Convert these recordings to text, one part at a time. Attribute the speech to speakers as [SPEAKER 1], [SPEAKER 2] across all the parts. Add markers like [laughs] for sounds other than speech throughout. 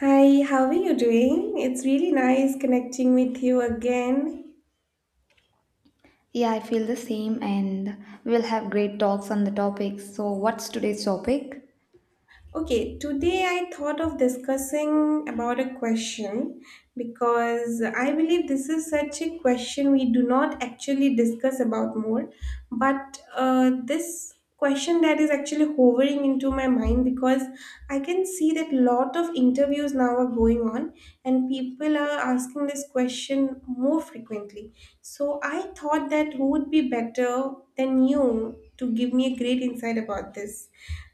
[SPEAKER 1] Hi, how are you doing? It's really nice connecting with you again.
[SPEAKER 2] Yeah, I feel the same, and we'll have great talks on the topic. So, what's today's topic?
[SPEAKER 1] Okay, today I thought of discussing about a question because I believe this is such a question we do not actually discuss about more, but this question that is actually hovering into my mind because I can see that lot of interviews now are going on and people are asking this question more frequently. So I thought that who would be better than you to give me a great insight about this.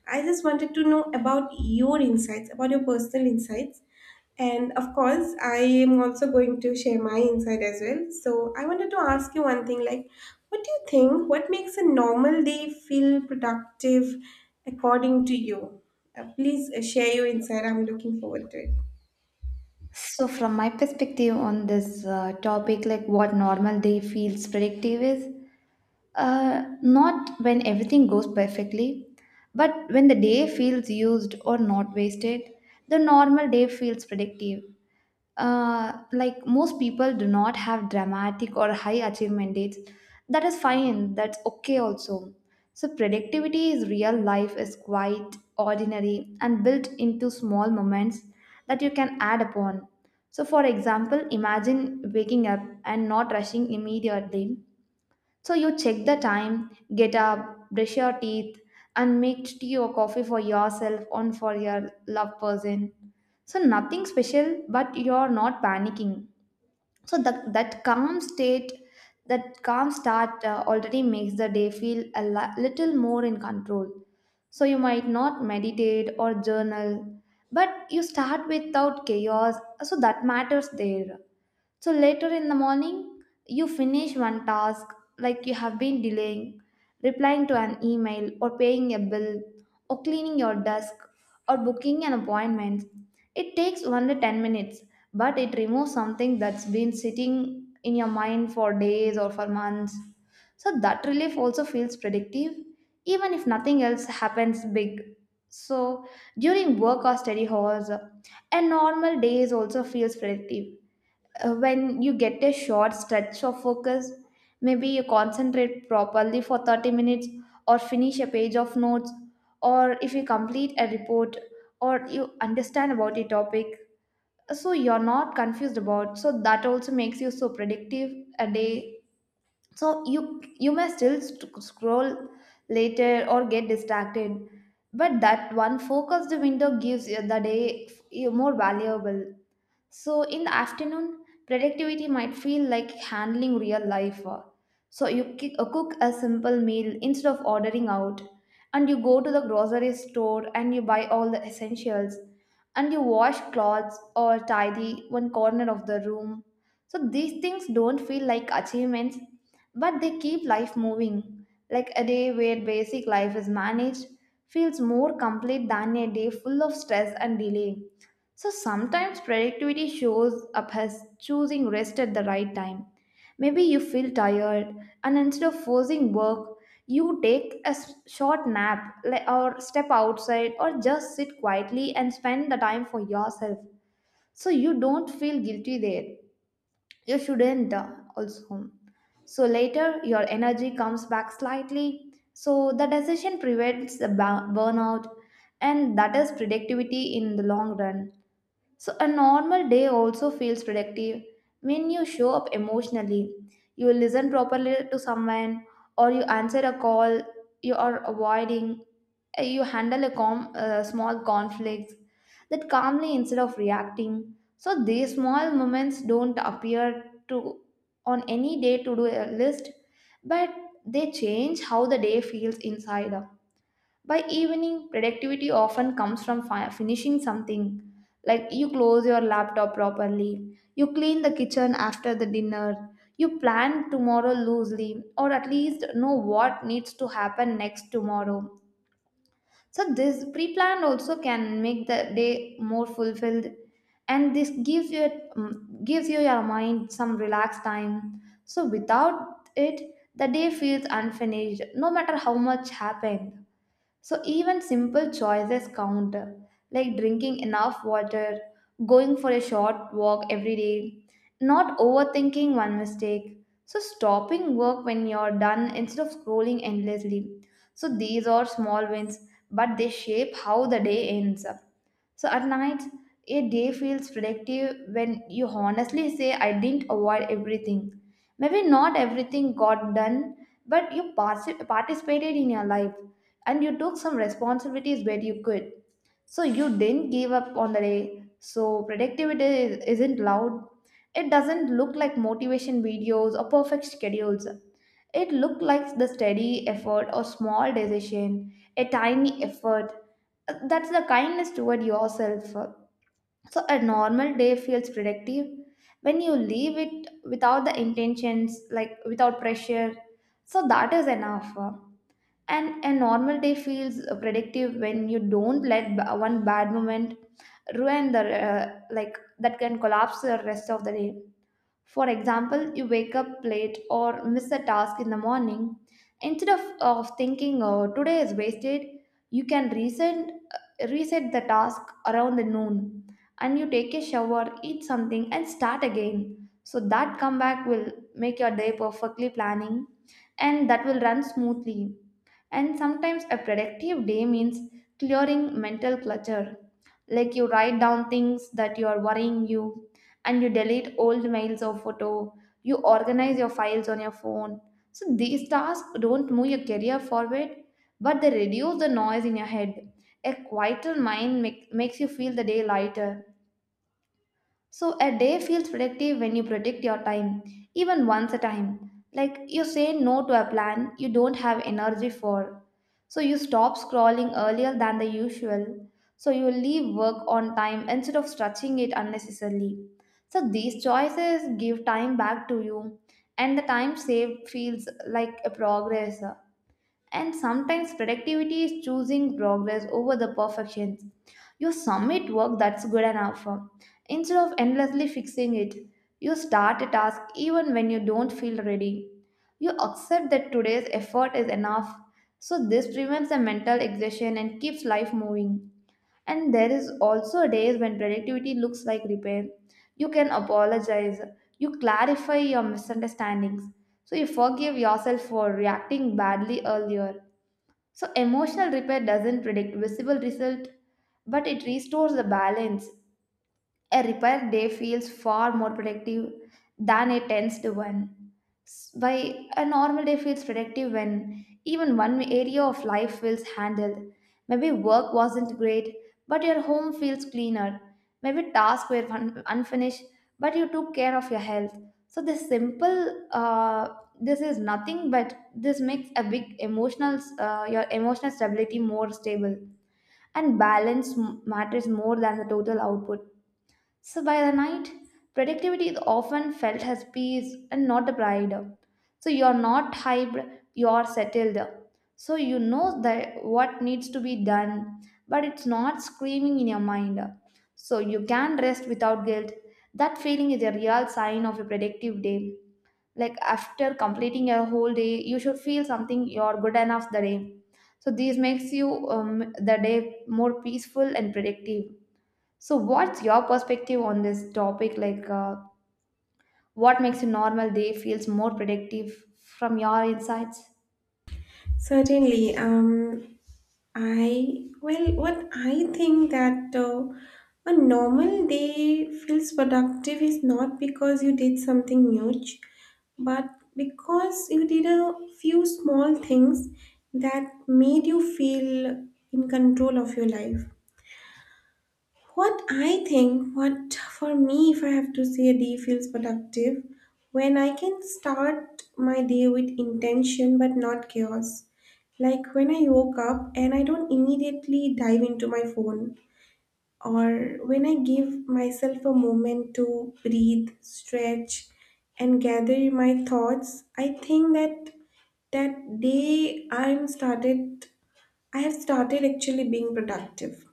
[SPEAKER 1] I just wanted to know about your insights, about your personal insights. And of course, I am also going to share my insight as well. So I wanted to ask you one thing like, what do you think? What makes a normal day feel productive according to you? Please share your insight. I'm looking forward to it.
[SPEAKER 2] So, from my perspective on this topic, like what normal day feels predictive is, not when everything goes perfectly, but when the day feels used or not wasted, the normal day feels predictive. Like most people do not have dramatic or high achievement dates. That is fine, that's okay also. So, productivity is real life, is quite ordinary and built into small moments that you can add upon. So, for example, imagine waking up and not rushing immediately, so you check the time, get up, brush your teeth, and make tea or coffee for yourself and for your loved person. So nothing special, but you're not panicking. So that calm state, that calm start already makes the day feel a little more in control. So you might not meditate or journal, but you start without chaos. So that matters there. So later in the morning, you finish one task like you have been delaying, replying to an email, or paying a bill, or cleaning your desk, or booking an appointment. It takes only 10 minutes, but it removes something that's been sitting in your mind for days or for months. So that relief also feels predictive, even if nothing else happens big. So during work or study halls, a normal day also feels predictive when you get a short stretch of focus, maybe you concentrate properly for 30 minutes or finish a page of notes, or if you complete a report, or you understand about a topic, so you're not confused about, so that also makes you so productive a day. So you may still scroll later or get distracted, but that one focused window gives you the day you more valuable. So in the afternoon, productivity might feel like handling real life. So you cook a simple meal instead of ordering out, and you go to the grocery store and you buy all the essentials, and you wash clothes or tidy one corner of the room. So these things don't feel like achievements, but they keep life moving. Like a day where basic life is managed feels more complete than a day full of stress and delay. So sometimes productivity shows up as choosing rest at the right time. Maybe you feel tired, and instead of forcing work, you take a short nap, or step outside or just sit quietly and spend the time for yourself. So you don't feel guilty there. You shouldn't also. So later, your energy comes back slightly. So the decision prevents the burnout, and that is productivity in the long run. So, a normal day also feels productive when you show up emotionally. You listen properly to someone, or you answer a call you are avoiding, you handle a small conflict that calmly instead of reacting. So, these small moments don't appear to on any day to do a list, but they change how the day feels inside. By evening, productivity often comes from finishing something, like you close your laptop properly, you clean the kitchen after the dinner, you plan tomorrow loosely, or at least know what needs to happen next tomorrow. So, this pre plan also can make the day more fulfilled, and this gives you gives you your mind some relaxed time. So, without it, the day feels unfinished, no matter how much happened. So even simple choices count, like drinking enough water, going for a short walk every day, not overthinking one mistake. So stopping work when you're done instead of scrolling endlessly. So these are small wins, but they shape how the day ends up. So at night, a day feels productive when you honestly say, I didn't avoid everything. Maybe not everything got done, but you participated in your life and you took some responsibilities where you could. So you didn't give up on the day. So productivity isn't loud. It doesn't look like motivation videos or perfect schedules. It looked like the steady effort or small decision, a tiny effort. That's the kindness toward yourself. So a normal day feels productive when you leave it without the intentions, like without pressure. So that is enough, and a normal day feels predictive when you don't let one bad moment ruin the, like that can collapse the rest of the day. For example, you wake up late or miss a task in the morning. Instead of thinking, oh, today is wasted, you can reset, reset the task around the noon, and you take a shower, eat something, and start again. So that comeback will make your day perfectly planning, and that will run smoothly. And sometimes a productive day means clearing mental clutter. Like you write down things that you are worrying you, and you delete old mails or photo. You organize your files on your phone. So these tasks don't move your career forward, but they reduce the noise in your head. A quieter mind makes you feel the day lighter. So a day feels productive when you protect your time, even once a time. Like you say no to a plan you don't have energy for. So you stop scrolling earlier than the usual. So you leave work on time instead of stretching it unnecessarily. So these choices give time back to you, and the time saved feels like a progress. And sometimes productivity is choosing progress over the perfections. You submit work that's good enough. Instead of endlessly fixing it, you start a task even when you don't feel ready. You accept that today's effort is enough. So this prevents the mental exhaustion and keeps life moving. And there is also days when productivity looks like repair. You can apologize. You clarify your misunderstandings. So you forgive yourself for reacting badly earlier. So emotional repair doesn't predict visible result, but it restores the balance. A repair day feels far more productive than a tensed one. Why a normal day feels productive when even one area of life feels handled. Maybe work wasn't great, but your home feels cleaner. Maybe tasks were unfinished, but you took care of your health. So this simple, this is nothing, but this makes a big emotional, your emotional stability more stable. And balance matters more than the total output. So by the night, productivity is often felt as peace and not a pride. So you are not hyped, you are settled. So you know that what needs to be done, but it's not screaming in your mind. So you can rest without guilt. That feeling is a real sign of a productive day. Like after completing your whole day, you should feel something you're good enough the day. So this makes you the day more peaceful and productive. So, what's your perspective on this topic? Like, what makes a normal day feels more productive from your insights?
[SPEAKER 1] Certainly. I well, what I think that a normal day feels productive is not because you did something huge, but because you did a few small things that made you feel in control of your life. What I think, what for me, if I have to say a day feels productive, when I can start my day with intention but not chaos. Like when I woke up and I don't immediately dive into my phone, or when I give myself a moment to breathe, stretch, and gather my thoughts, I think that that day I'm started, I have started actually being productive.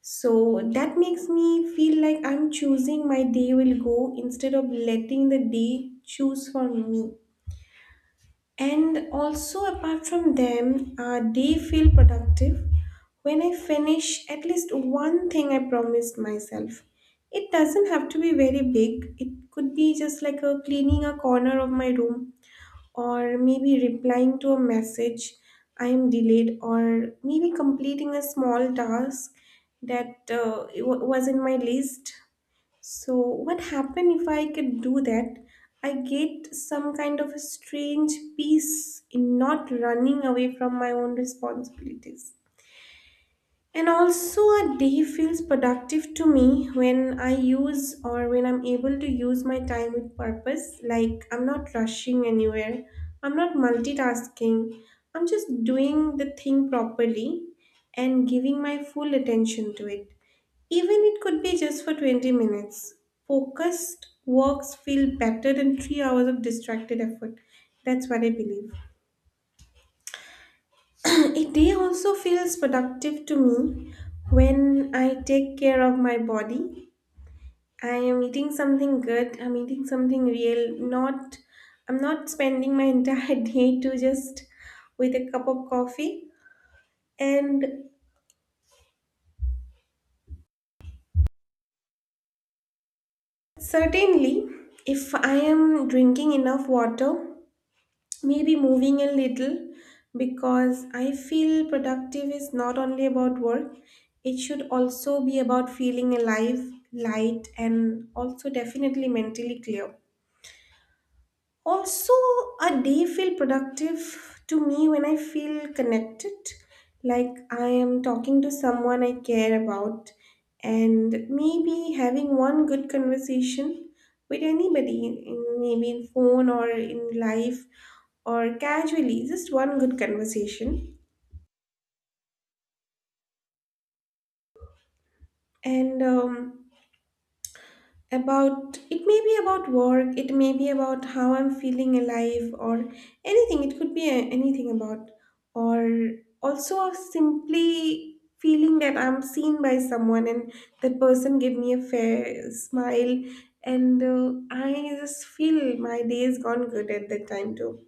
[SPEAKER 1] So that makes me feel like I'm choosing my day will go instead of letting the day choose for me. And also, apart from them, they feel productive when I finish at least one thing I promised myself. It doesn't have to be very big, it could be just like a cleaning a corner of my room or maybe replying to a message I am delayed, or maybe completing a small task that was in my list. So, what happened if I could do that? I get some kind of a strange peace in not running away from my own responsibilities. And also, a day feels productive to me when I use or when I'm able to use my time with purpose. Like, I'm not rushing anywhere, I'm not multitasking, I'm just doing the thing properly and giving my full attention to it. Even it could be just for 20 minutes. Focused works feel better than 3 hours of distracted effort. That's what I believe. A day also feels productive to me when I take care of my body. I am eating something good, I'm eating something real, not I'm not spending my entire [laughs] day to just with a cup of coffee. And certainly if I am drinking enough water, maybe moving a little, because I feel productive is not only about work, it should also be about feeling alive, light, and also definitely mentally clear. Also, a day feel productive to me when I feel connected, like I am talking to someone I care about, and maybe having one good conversation with anybody, in, maybe in phone or in life or casually, just one good conversation. And about it may be about work, it may be about how I'm feeling alive, or anything. It could be anything about, or also simply feeling that I'm seen by someone and that person gave me a fair smile, and I just feel my day is gone good at that time too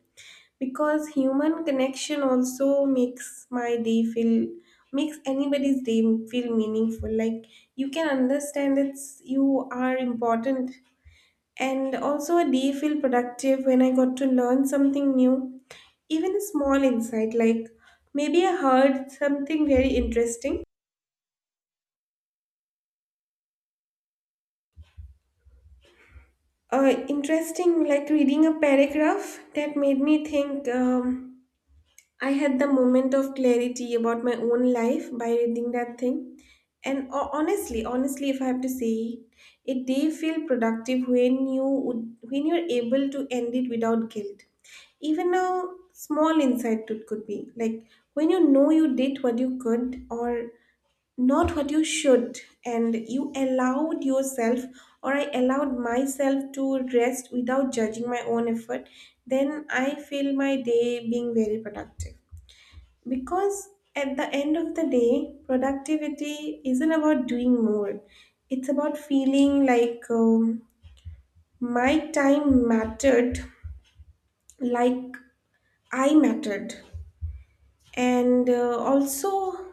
[SPEAKER 1] because human connection also makes my day feel makes anybody's day feel meaningful, like you can understand it's you are important. And also a day feel productive when I got to learn something new, even a small insight, like maybe I heard something very interesting, interesting, like reading a paragraph that made me think. I had the moment of clarity about my own life by reading that thing. And honestly, if I have to say, it did feel productive when you would, when you're able to end it without guilt. Even a small insight it could be like when you know you did what you could or not what you should, and you allowed yourself or I allowed myself to rest without judging my own effort, then I feel my day being very productive. Because at the end of the day, productivity isn't about doing more. It's about feeling like my time mattered, like I mattered. And also,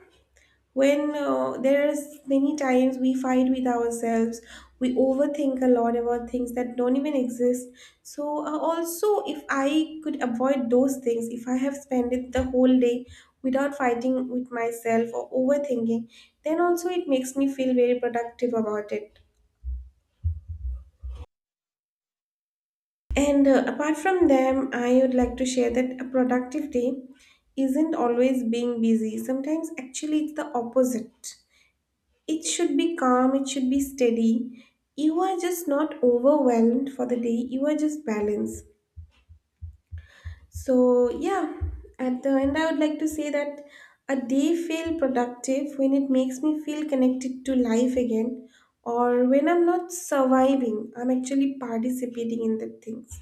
[SPEAKER 1] when there's many times we fight with ourselves, we overthink a lot about things that don't even exist, so also if I could avoid those things, if I have spent it the whole day without fighting with myself or overthinking, then also it makes me feel very productive about it. And apart from them, I would like to share that a productive day isn't always being busy, sometimes actually it's the opposite. It should be calm, it should be steady. You are just not overwhelmed for the day, you are just balanced. So, yeah, at the end, I would like to say that a day feel productive when it makes me feel connected to life again, or when I'm not surviving, I'm actually participating in the things,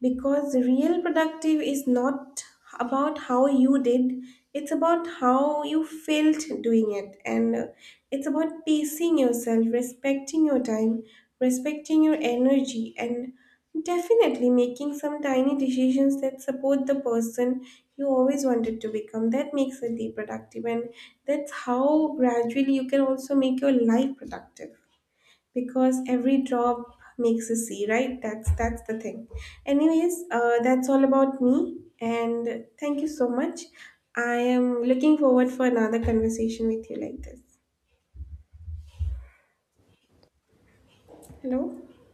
[SPEAKER 1] because real productive is not about how you did, it's about how you felt doing it. And it's about pacing yourself, respecting your time, respecting your energy, and definitely making some tiny decisions that support the person you always wanted to become. That makes a day productive, and that's how gradually you can also make your life productive, because every drop makes a sea, right? That's the thing. Anyways, that's all about me, and thank you so much. I am looking forward for another conversation with you like this. Hello.